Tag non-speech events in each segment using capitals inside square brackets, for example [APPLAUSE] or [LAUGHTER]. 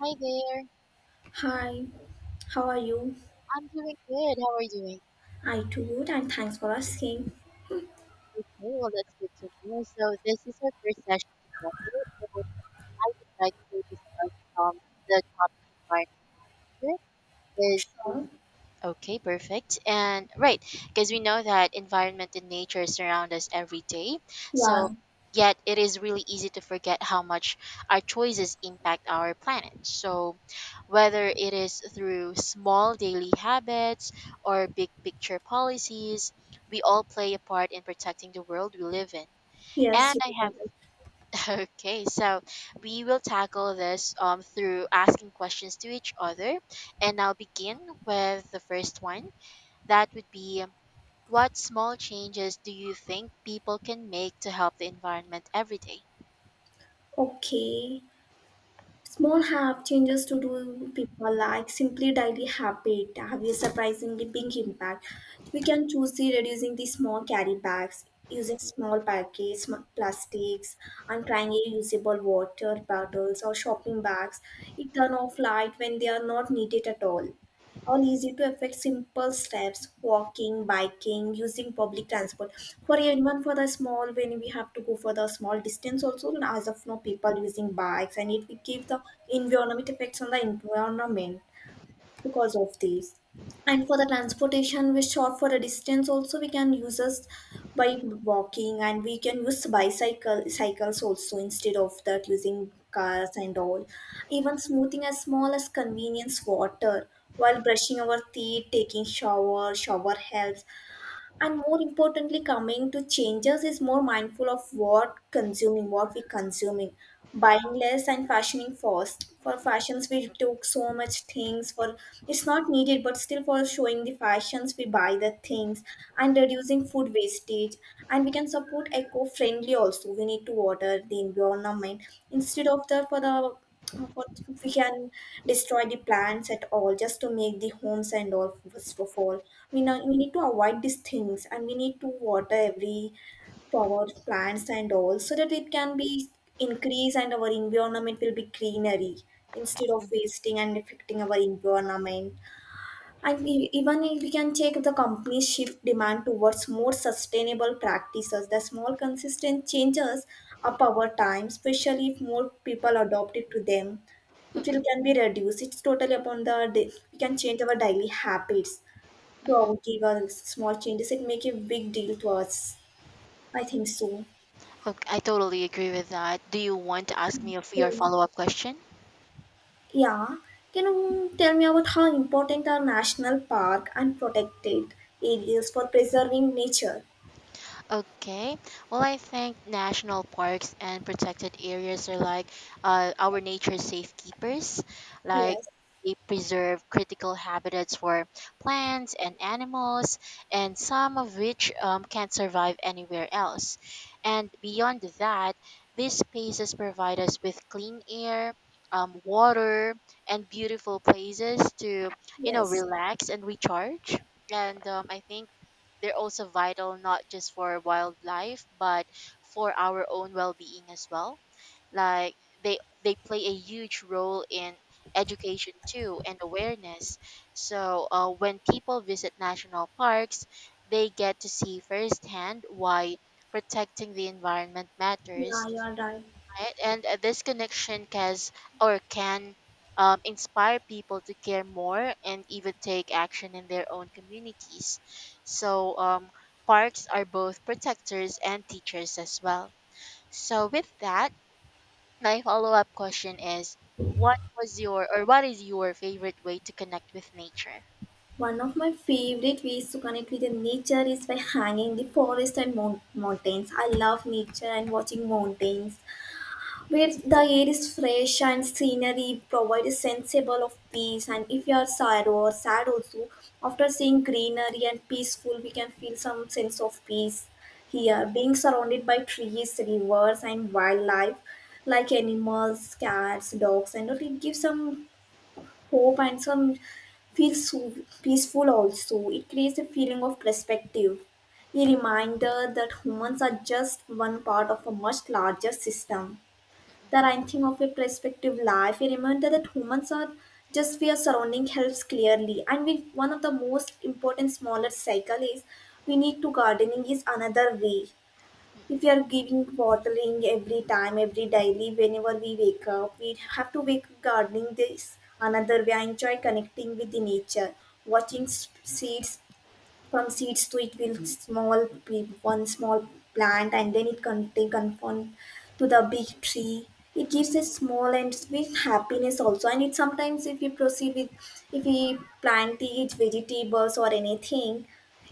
Hi there. Hi, how are you? I'm doing good. How are you doing? I too good, and thanks for asking. Okay, well, that's good to know. So, this is our first session together, and I would like to discuss um, the topic environment and nature because Sure. we Okay, perfect. And right, because we know that environment and nature surround us every day. So, Yeah. yet it is really easy to forget how much our choices impact our planet. So, whether it is through small daily habits or big picture policies, we all play a part in protecting the world we live in. Yes, And you I are right. have, [LAUGHS] okay, so we will tackle this through asking questions to each other. And I'll begin with the first one. That would be, what small changes do you think people can make to help the environment every day? Okay. Small have changes to do people like simply daily habit have a surprisingly big impact. We can choose the reducing the small carry bags, using small packets, plastics, and trying a usable water bottles or shopping bags. It turn off light when they are not needed at all. All easy to affect simple steps walking biking using public transport for even for the small when we have to go for the small distance also, and as of now people using bikes and it will give the environment effects on the environment because of these. And for the transportation, we short for a distance also we can use us by walking, and we can use bicycle cycles also instead of that using cars and all. Even smoothing as small as convenience water while brushing our teeth, taking shower, shower helps, and more importantly coming to changes is more mindful of what consuming what we consuming, buying less and fashioning fast for fashions we took so much things for. It's not needed but still for showing the fashions we buy the things and reducing food wastage, and we can support eco friendly also. We need to water the environment instead of the for the what if we can destroy the plants at all just to make the homes and all. First of all, we know we need to avoid these things and we need to water every power plants and all so that it can be increase and our environment will be greenery instead of Mm-mm, wasting and affecting our environment. And even if we can check the companies shift demand towards more sustainable practices, the small consistent changes up over time, especially if more people adopt it to them, it will mm-mm, can be reduced. It's totally upon the day. We can change our daily habits to mm-mm. our give us small changes. It make a big deal to us. I think so. Okay, I totally agree with that. Do you want to ask me of your Hmm. follow up question? Yeah. Can you tell me about how important are national park and protected areas for preserving nature? Okay. Well, I think national parks and protected areas are like our nature's safekeepers. Like Yes. they preserve critical habitats for plants and animals, and some of which can't survive anywhere else. And beyond that, these spaces provide us with clean air. Water and beautiful places to, you know, Yes, relax and recharge. And I think they're also vital not just for wildlife, but for our own well-being as well. Like they play a huge role in education too and awareness. So when people visit national parks, they get to see firsthand why protecting the environment yeah, matters, you are right. right? And this connection can or can inspire people to care more and even take action in their own communities. So parks are both protectors and teachers as well. So with that, my follow-up question is, what was your or what is your favorite way to connect with nature? One of my favorite ways to connect with the nature is by hanging in the forest and mountains. I love nature and watching mountains where the air is fresh and scenery provides a sensible of peace. And if you are sad or sad also, after seeing greenery and peaceful, we can feel some sense of peace Mm, mm, here. Being surrounded by trees, rivers, and wildlife like animals, cats, dogs, and all, it gives some hope and some feel so peaceful also. It creates a feeling of perspective, a reminder that humans are just one part of a much larger system. The writing of a perspective life, a reminder that humans are just we are surrounding helps clearly. And we, one of the most important smaller cycle is we need to gardening is another way. If we mm. are giving watering every time every daily whenever we wake up we have to wake gardening, this another way I enjoy connecting with the nature, watching seeds, from seeds to it will small be one small plant and then it can they conform to the big tree. It gives a small and with happiness also. And it sometimes if we proceed with if we plant it vegetables or anything,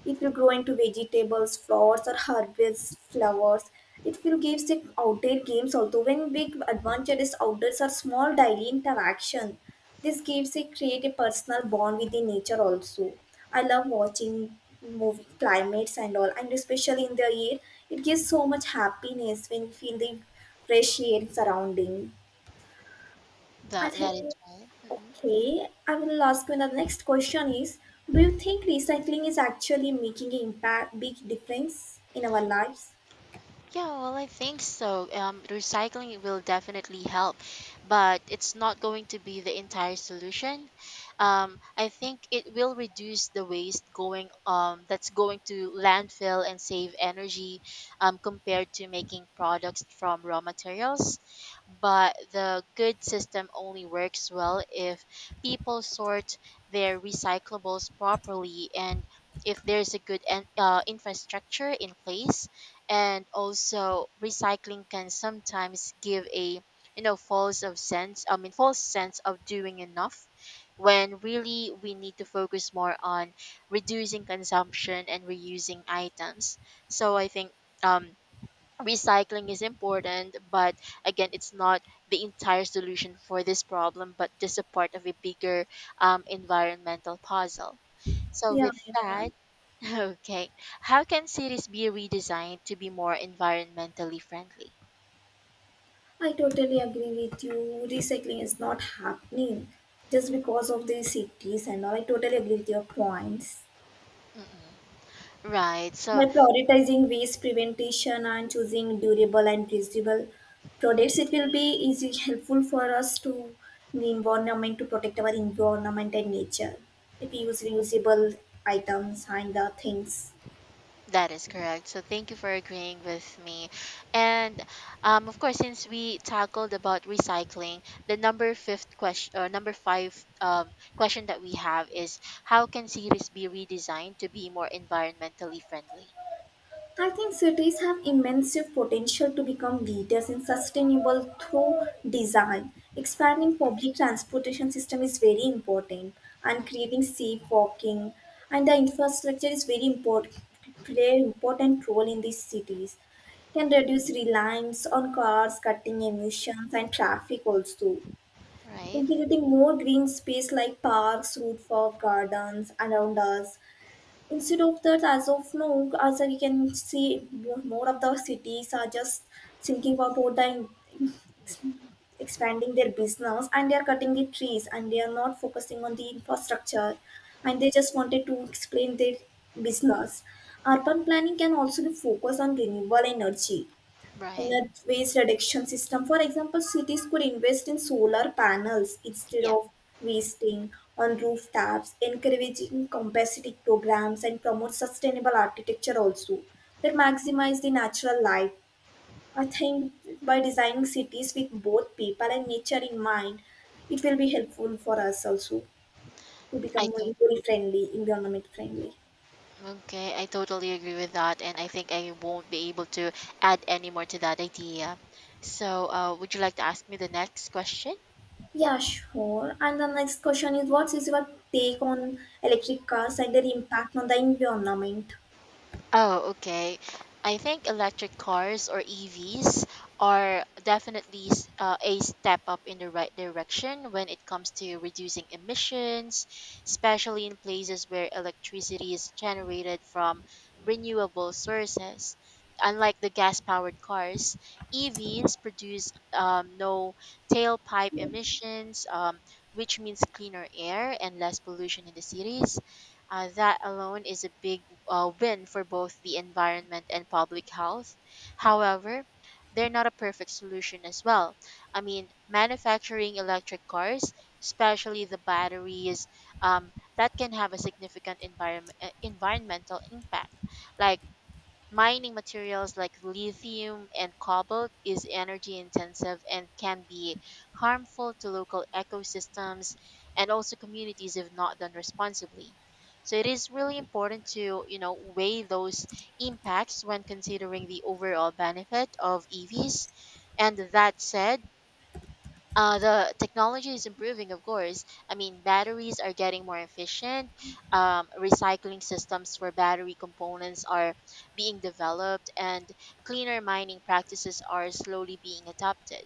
it will grow into vegetables, flowers or harvest flowers. It will give the outdoor games also when big advantages outdoors are small daily interaction. This gives a create a personal bond with the nature also. I love watching movie climates and all, and especially in the air, it gives so much happiness when you feel the fresh air surrounding. I That think that is right. okay I will ask you the next question is do you think recycling is actually making an impact big difference in our lives? Yeah, well, I think so. Recycling will definitely help, but it's not going to be the entire solution. I think it will reduce the waste going that's going to landfill and save energy compared to making products from raw materials. But the good system only works well if people sort their recyclables properly and if there's a good infrastructure in place. And also recycling can sometimes give a, you know, false of sense, I mean false sense of doing enough when really we need to focus more on reducing consumption and reusing items. So I think um recycling is important, but again it's not the entire solution for this problem, but just a part of a bigger environmental puzzle. So yeah, with yeah. that, Okay. How can cities be redesigned to be more environmentally friendly? I totally agree with you. Recycling is not happening just because of the cities and all. I totally agree with your points. Mm-mm. Right. By So prioritizing waste prevention and choosing durable and reusable products, it will be easy helpful for us to the environment to protect our environment and nature. If we use reusable items and the things. that is correct. So thank you for agreeing with me. And of course, since we tackled about recycling, the number fifth question or number five question that we have is, how can cities be redesigned to be more environmentally friendly? I think cities have immense potential to become leaders in sustainable through design. Expanding public transportation system is very important, and creating safe walking and the infrastructure is very important play an important role in these cities can reduce reliance on cars, cutting emissions and traffic also. Right. Integrating more green space like parks, root for gardens around us. Instead of that, as of now, as we can see, more of the cities are just thinking about the expanding their business and they are cutting the trees and they are not focusing on the infrastructure and they just wanted to explain their business. Urban planning can also be focused on renewable energy in Right. a waste reduction system. For example, cities could invest in solar panels instead Yeah. of wasting on rooftops, encouraging capacity programs and promote sustainable architecture also that maximize the natural light. I think by designing cities with both people and nature in mind, it will be helpful for us also to become I more don't. eco friendly, environment friendly. Okay, I totally agree with that, and I think I won't be able to add any more to that idea. So, would you like to ask me the next question? Yeah, sure. And the next question is, what is your take on electric cars and their impact on the environment? Oh, okay. I think electric cars or EVs are definitely a step up in the right direction when it comes to reducing emissions, especially in places where electricity is generated from renewable sources. Unlike the gas powered cars, EVs produce no tailpipe emissions, which means cleaner air and less pollution in the cities. That alone is a big win for both the environment and public health. However, they're not a perfect solution as well. I mean, manufacturing electric cars, especially the batteries, that can have a significant environmental impact, like mining materials like lithium and cobalt is energy intensive and can be harmful to local ecosystems and also communities if not done responsibly. So it is really important to, you know, weigh those impacts when considering the overall benefit of EVs. And that said, the technology is improving, of course. I mean, batteries are getting more efficient. Recycling systems for battery components are being developed, and cleaner mining practices are slowly being adopted.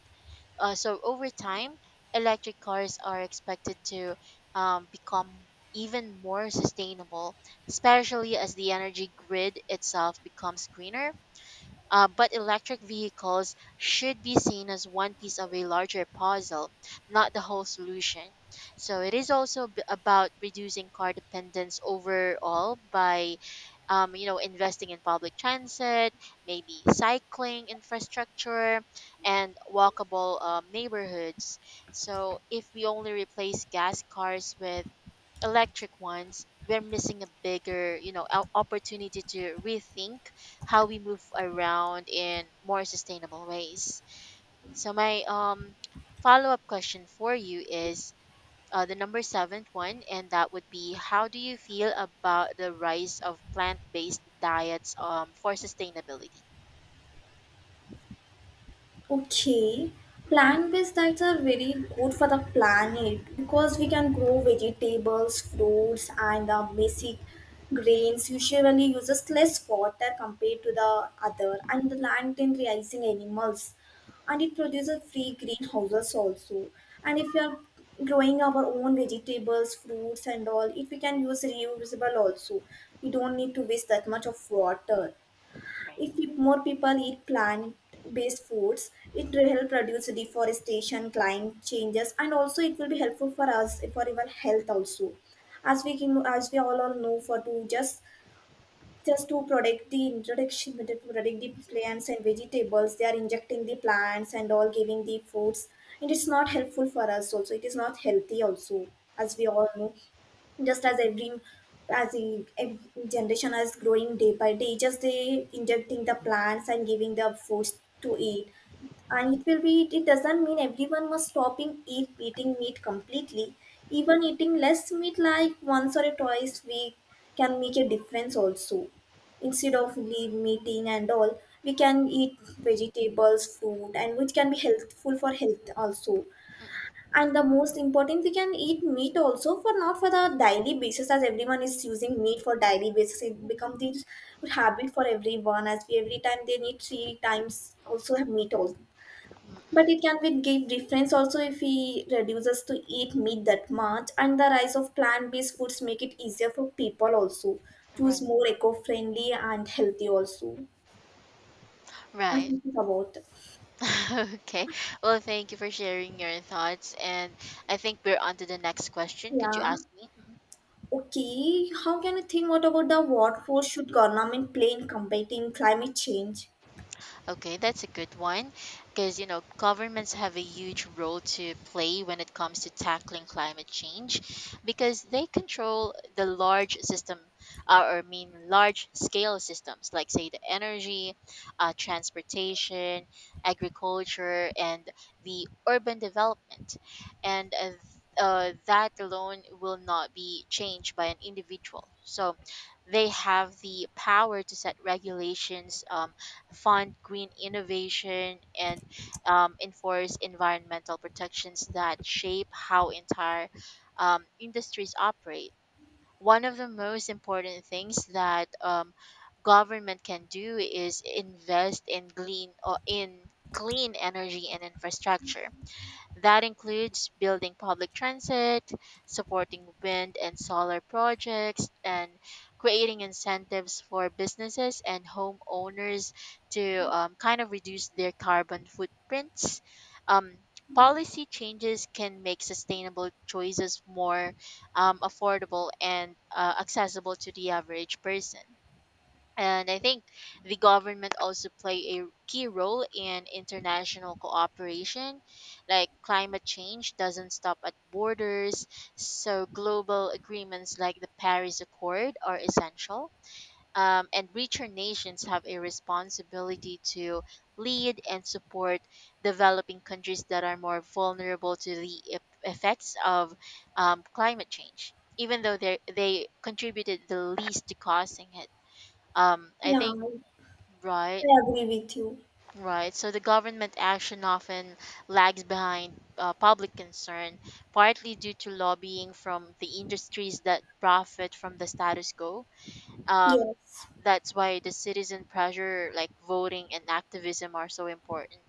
So, over time, electric cars are expected to become even more sustainable, especially as the energy grid itself becomes greener. But electric vehicles should be seen as one piece of a larger puzzle, not the whole solution. So it is also about reducing car dependence overall by, you know, investing in public transit, maybe cycling infrastructure, and walkable neighborhoods. So if we only replace gas cars with electric ones, we're missing a bigger, you know, opportunity to rethink how we move around in more sustainable ways. So my follow-up question for you is the number seventh one, and that would be, how do you feel about the rise of plant-based diets for sustainability? Okay, plant-based diets are very good for the planet because we can grow vegetables, fruits, and the basic grains. Usually, uses less water compared to the other, and the land in raising animals, and it produces free greenhouses also. And if we are growing our own vegetables, fruits, and all, if we can use reusable also, we don't need to waste that much of water. If Right. More people eat plant-based foods, it will help reduce deforestation, climate changes, and also it will be helpful for us for our health also. As we can, as we all know, for to just to protect the introduction, to protect the plants and vegetables, they are injecting the plants and all giving the fruits, and it's not helpful for us also. It is not healthy also, as we all know just as every as the generation is growing day by day just they injecting the plants and giving the foods to eat, and it will be it doesn't mean everyone must stopping eat eating meat completely. Even eating less meat like once or twice week can make a difference also. Instead of leave meeting and all, we can eat vegetables fruit and which can be helpful for health also. And the most important we can eat meat also for not for the daily basis. As everyone is using meat for daily basis it becomes this habit for everyone as we every time they need three times also have meat also, Mm-mm. but it can be give difference also if we reduce us to eat meat that much, and the rise of plant-based foods make it easier for people also choose Right. more eco-friendly and healthy also. I Right. think it's about [LAUGHS] Okay. Well, thank you for sharing your thoughts. And I think we're on to the next question. Could you yeah. ask me? Okay, how can you think? What about the what role should government play in combating climate change? Okay, that's a good one because, you know, governments have a huge role to play when it comes to tackling climate change because they control the large system, or I mean large scale systems like say the energy, transportation, agriculture and the urban development, and that alone will not be changed by an individual. So they have the power to set regulations, fund green innovation, and enforce environmental protections that shape how entire industries operate. One of the most important things that government can do is invest in clean energy and infrastructure. That includes building public transit, supporting wind and solar projects, and creating incentives for businesses and homeowners to kind of reduce their carbon footprints. Um, policy changes can make sustainable choices more affordable and accessible to the average person. And I think the government also play a key role in international cooperation. Like climate change doesn't stop at borders, so global agreements like the Paris Accord are essential. And richer nations have a responsibility to lead and support developing countries that are more vulnerable to the effects of climate change, even though they contributed the least to causing it. I Yeah, think I Right, agree with you. right. So the government action often lags behind public concern, partly due to lobbying from the industries that profit from the status quo. Um, Yes. that's why the citizen pressure, like voting and activism, are so important.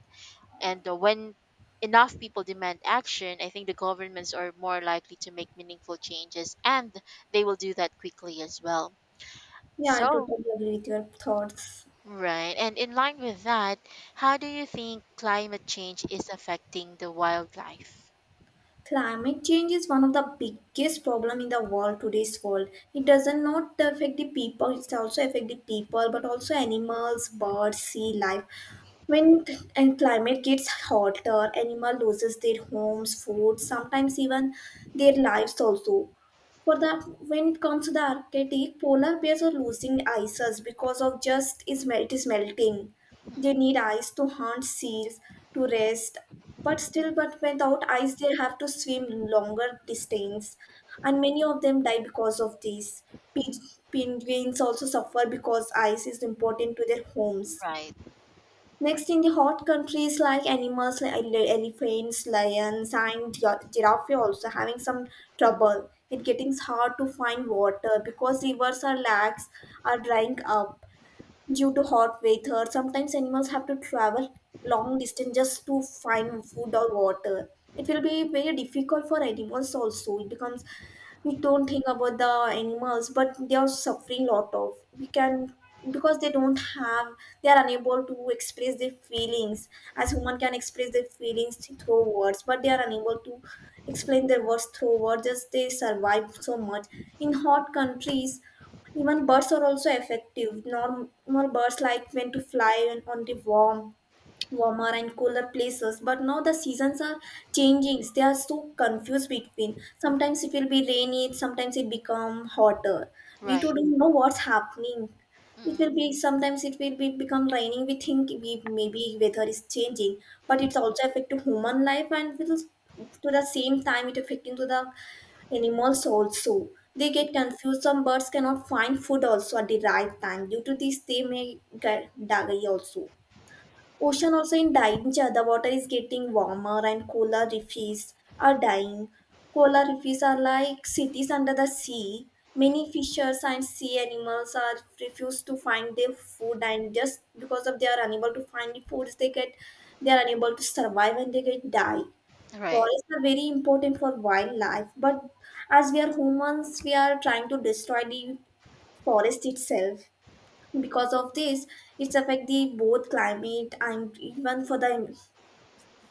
And when enough people demand action, I think the governments are more likely to make meaningful changes, and they will do that quickly as well. Yeah, I So, totally agree with your thoughts. Right. And in line with that, how do you think climate change is affecting the wildlife? Climate change is one of the biggest problem in the world today's world. It doesn't not affect the people; it's also affect the people, but also animals, birds, sea life. When and climate gets hotter, animal loses their homes, food, sometimes even their lives also. For the when it comes to the Arctic, polar bears are losing ices because of just is melting. They need eyes to hunt seals, to rest, but still, but without eyes, they have to swim longer distance, and many of them die because of this. Pe- Penguins also suffer because ice is important to their homes. Right. Next, in the hot countries, like animals like elephants, lions, and giraffe, are also having some trouble. It getting hard to find water because rivers are lags are drying up. Due to hot weather, sometimes animals have to travel long distance just to find food or water. It will be very difficult for animals also. It becomes we don't think about the animals, but they are suffering lot of. We can because they don't have they are unable to express their feelings as human can express their feelings through words but they are unable to explain their words through words just they survive so much in hot countries. Even birds are also effective. Normal birds like when to fly on the warmer and cooler places. But now the seasons are changing. They are so confused between. Sometimes it will be rainy. Sometimes it become hotter. We too Right. don't know what's happening. It Mm, will be sometimes it will be become raining. We think we maybe weather is changing, but it's also affect to human life and will to the same time it affecting to the animals also, they get confused. Some birds cannot find food also at the right time. Due to this, they may get die also. Ocean also in danger. The water is getting warmer and coral reefs are dying. Coral reefs are like cities under the sea. Many fishers and sea animals are refused to find their food, and just because of they are unable to find the foods they get, they are unable to survive and they get die. right. Forests are very important for wildlife, but as we are humans, we are trying to destroy the forest itself. Because of this, it's affect the both climate and even for the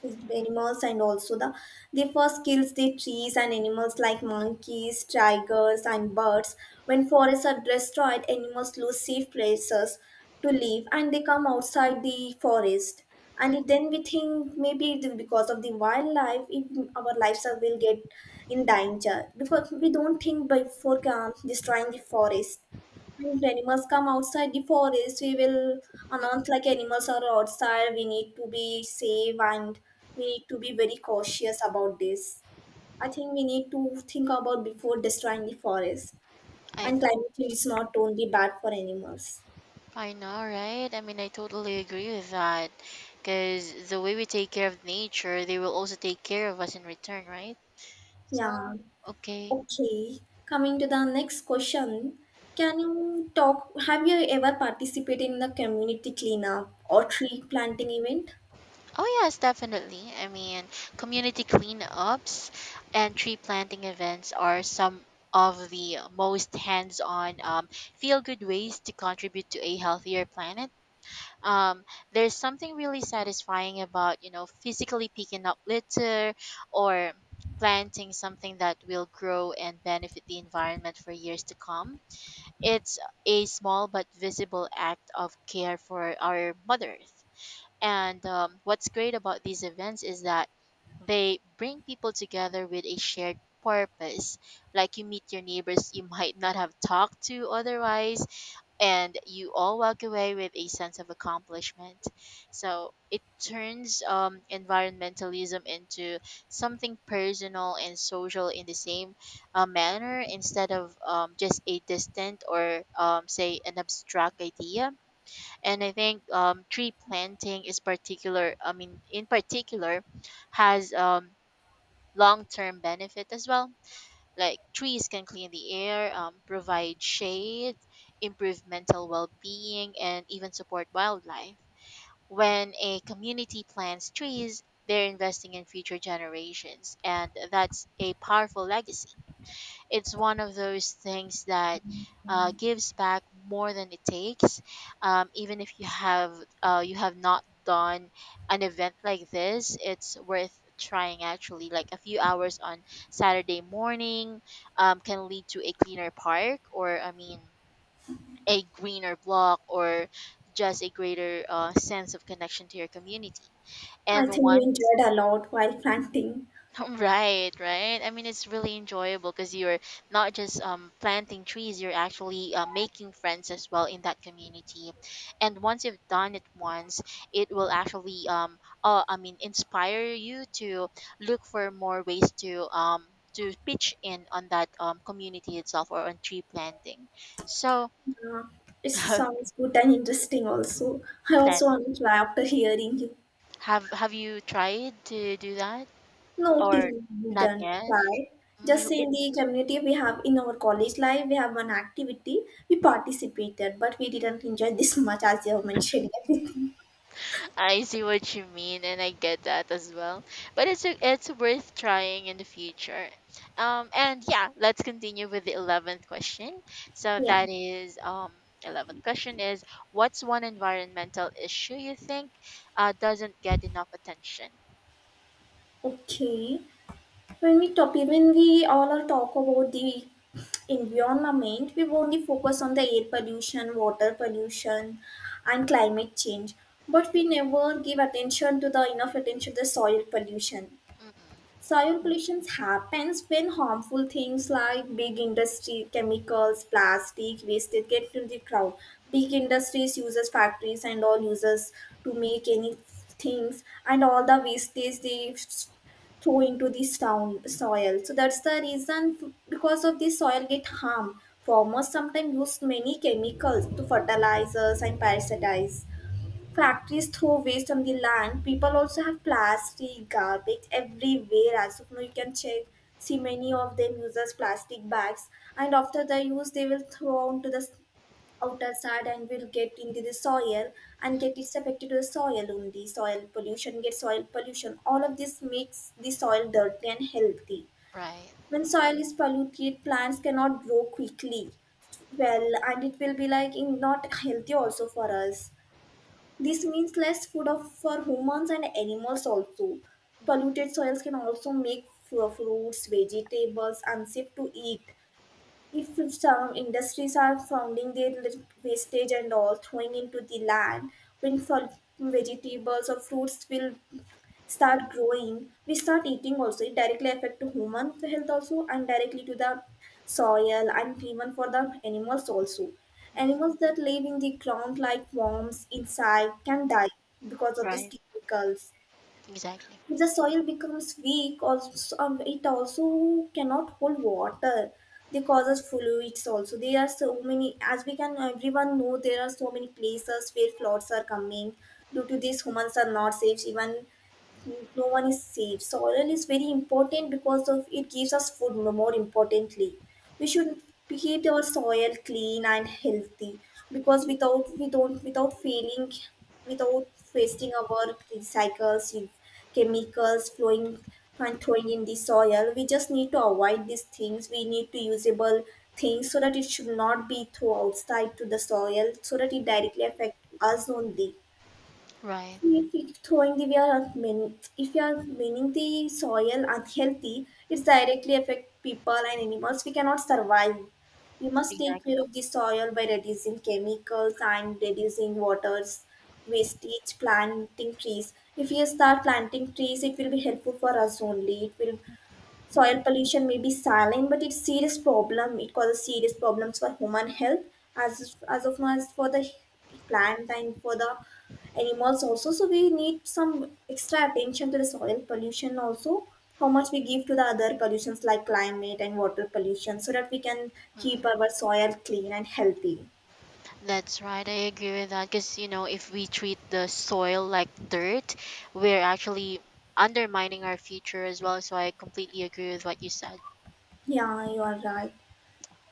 with animals and also the they first kills the trees and animals like monkeys, tigers and birds. When forests are destroyed, animals lose safe places to live and they come outside the forest, and Mm, it, then we think maybe it is because of the wildlife it, our lives are, will get in danger, because we don't think before destroying the forest. When animals come outside the forest, we will mm, announce like animals are outside. We need to be safe, and we need to be very cautious about this. I think we need to think about before destroying the forest. I And know. climate change is not only bad for animals. I know, right? I mean, I totally agree with that. Because the way we take care of nature, they will also take care of us in return, right? So, Yeah. okay. Okay. Coming to the next question. Can you talk? Have you ever participated in the community cleanup or tree planting event? Oh, yes, definitely. I mean, community cleanups and tree planting events are some of the most hands on, feel good ways to contribute to a healthier planet. Um, there's something really satisfying about, you know, physically picking up litter or planting something that will grow and benefit the environment for years to come. It's a small but visible act of care for our Mother Earth. And what's great about these events is that they bring people together with a shared purpose. Like, you meet your neighbors you might not have talked to otherwise, and you all walk away with a sense of accomplishment. So it turns environmentalism into something personal and social in the same manner instead of just a distant or say an abstract idea. And I think tree planting is particular, I mean in particular, has long-term benefit as well. Like trees can clean the air, provide shade, improve mental well-being and even support wildlife. When a community plants trees, they're investing in future generations, and that's a powerful legacy. It's one of those things that gives back more than it takes. Even if you have you have not done an event like this, it's worth trying. Actually, like a few hours on Saturday morning can lead to a cleaner park, or I mean, a greener block, or just a greater sense of connection to your community. I And think we one enjoyed a lot while planting. [LAUGHS] Right, right. I mean, it's really enjoyable because you're not just planting trees, you're actually making friends as well in that community. And once you've done it once, it will actually, I mean, inspire you to look for more ways to pitch in on that community itself or on tree planting. So, Yeah, it [LAUGHS] then, sounds good and interesting also. I also want to try after hearing you. have you tried to do that No, till or we not done yet? try. Mm, Just You in the community we have in our college life, we have one activity. We participated, but we didn't enjoy this much as you have mentioned [LAUGHS] everything. I see what you mean, and I get that as well. But it's worth trying in the future. And yeah, let's continue with the eleventh question. So Yeah. that is eleventh question is what's one environmental issue you think doesn't get enough attention? Okay. When we talk, when we all are talk about the environment, we only focus on the air pollution, water pollution and climate change, but we never give attention to the enough attention to the soil pollution. Mm-mm. Soil Mm. pollution happens when harmful things like big industry, chemicals, plastic, wastage get to the crowd. Big industries uses factories and all uses to make any things, and all the wastage they throw into the sound, soil. So that's the reason because of this soil get harmed. Farmers sometimes use many chemicals to fertilizers and parasitize. Factories throw waste on the land. People also have plastic, garbage everywhere. As of now, you can check. See many of them uses plastic bags, and after the use, they will throw onto the outer side and will get into the soil and get it's affected to the soil only. Soil pollution get soil pollution. All of this makes the soil dirty and healthy. Right. When soil is polluted, plants cannot grow quickly. Well, and it will be like in not healthy also for us. This means less food for humans and animals also. Mm-mm. Polluted soils can also make fruits, vegetables unsafe to eat. If some industries are founding their wastage and all throwing into the land, when vegetables or fruits will start growing, we start eating also. It directly affect to human health also, and directly to the soil and even for the animals also. Mm-mm. Animals that live in the ground like worms, insect can die because of these Right. chemicals. Exactly. If the soil becomes weak, also, so, it also cannot hold water. They causes fluids also. There are so many, as we can everyone know, there are so many places where floods are coming. Due to this, humans are not safe. Even no one is safe. Soil is very important because of it gives us food. No, more importantly we should keep our soil clean and healthy, Mm-mm. because without we don't without failing, without wasting our recycles, chemicals flowing and throwing in the soil, we just need to avoid these things, we need to usable things so that it should not be thrown outside to the soil, so that it directly affect us only. Right. If throwing the we are mean, if you are meaning the soil unhealthy, it's directly affect people and animals. We cannot survive. We must take Exactly. care of the soil by reducing chemicals and reducing waters, wastage, planting trees. If we start planting trees, it will be helpful for us only. It will soil pollution may be silent, but it's serious problem, it causes serious problems for human health, as of now, as for the plant and for the animals also, so we need some extra attention to the soil pollution also, how much we give to the other pollutions like climate and water pollution, so that we can keep our soil clean and healthy. That's right. I agree with that because, you know, if we treat the soil like dirt, we're actually undermining our future as well. So I completely agree with what you said. Yeah, you are right.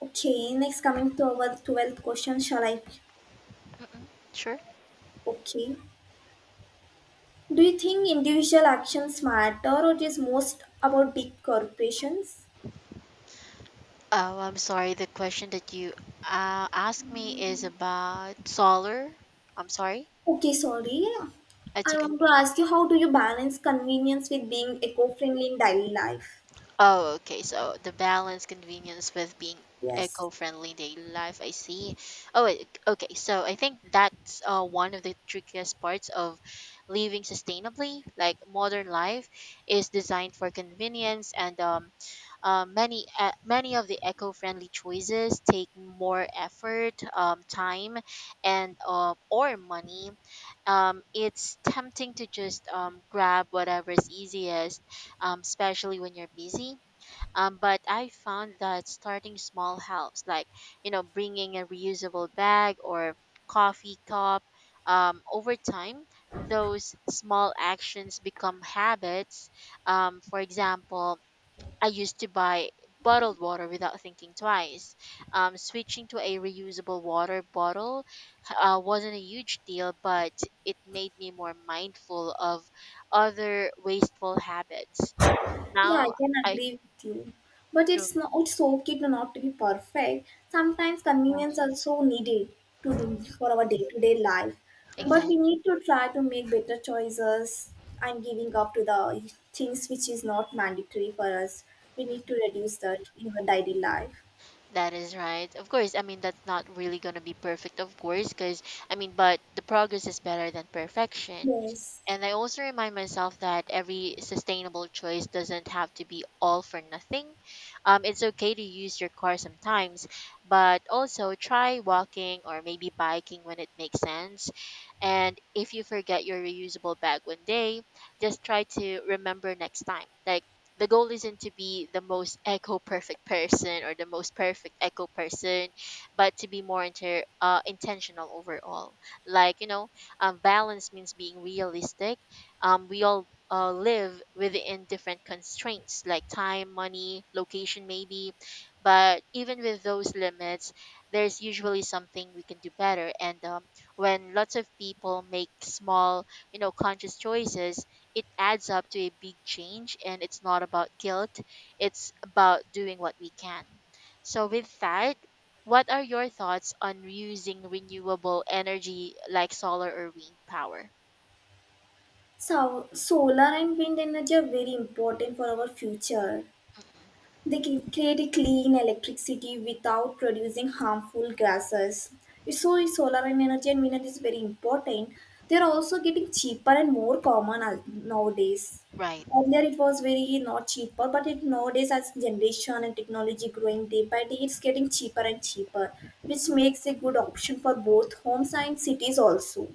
Okay, next coming to our 12th question, shall I? Mm-mm. Sure. Okay. Do you think individual actions matter or it is most about big corporations? Oh, I'm sorry. The question that you asked me is about solar. I'm sorry. Okay, sorry. It's I okay. want to ask you, how do you balance convenience with being eco friendly in daily life? Oh, okay. So the balance convenience with being Yes. eco-friendly daily life, I see. Oh, wait, okay. So I think that's one of the trickiest parts of living sustainably. Like modern life is designed for convenience, and many of the eco-friendly choices take more effort, time, and or money. It's tempting to just grab whatever is easiest, especially when you're busy, but I found that starting small helps, like, you know, bringing a reusable bag or coffee cup. Over time, those small actions become habits. For example, I used to buy bottled water without thinking twice. Switching to a reusable water bottle wasn't a huge deal, but it made me more mindful of other wasteful habits. Yeah, I Now can I. agree with you. But it's not, it's okay to not to be perfect. Sometimes convenience Right. also needed to do for our day-to-day life. But Exactly. we need to try to make better choices and giving up to the things which is not mandatory for us. We Mm, need to reduce that in our daily life. that is right. Of course, I mean, that's not really going to be perfect, of course, because, I mean, but the progress is better than perfection. Yes. And I also remind myself that every sustainable choice doesn't have to be all for nothing. It's okay to use your car sometimes, but also try walking or maybe biking when it makes sense. And if you forget your reusable bag one day, just try to remember next time. Like, the goal isn't to be the most echo perfect person or the most perfect echo person but to be more intentional overall, like, you know, balance means being realistic. We all live within different constraints, like time, money, location maybe, but even with those limits there's usually something we can do better. And when lots of people make small, you know, conscious choices, it adds up to a big change, and it's not about guilt, it's about doing what we can. So with that, what are your thoughts on using renewable energy like solar or wind power? So solar and wind energy are very important for our future. They can create a clean electricity without producing harmful gases. So is solar and energy and wind is very important. They are also getting cheaper and more common nowadays. Right. Earlier it was very not cheaper, but it nowadays as generation and technology growing day by day, it's getting cheaper and cheaper, which makes a good option for both homes and cities also.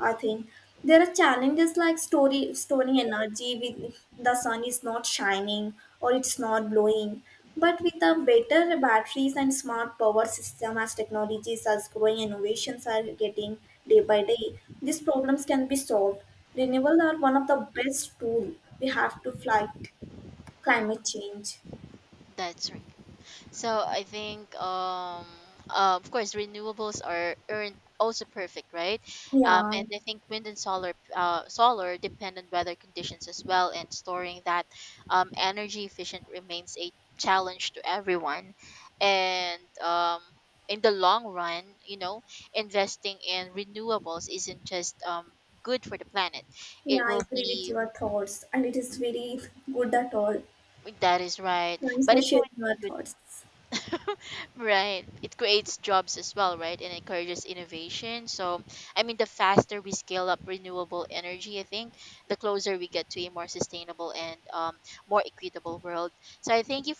I think there are challenges like storing energy with the sun is not shining or it's not blowing. But with the better batteries and smart power system, as technologies as growing, innovations are getting day by day, these problems can be solved. Renewables are one of the best tool we have to fight Mm, climate change. that's right. So I think, of course, renewables aren't also perfect, right? Yeah, And I think wind and solar, solar depend on weather conditions as well, and storing that energy efficient remains a challenge to everyone. And in the long run, you know, investing in renewables isn't just good for the planet. yeah, It I will agree with be your thoughts, and it is very good at all. that is right, Thanks but for it's sharing going to your be good. thoughts. Right. It creates jobs as well, right? And encourages innovation. So, I mean, the faster we scale up renewable energy, I think, the closer we get to a more sustainable and more equitable world. So, I thank you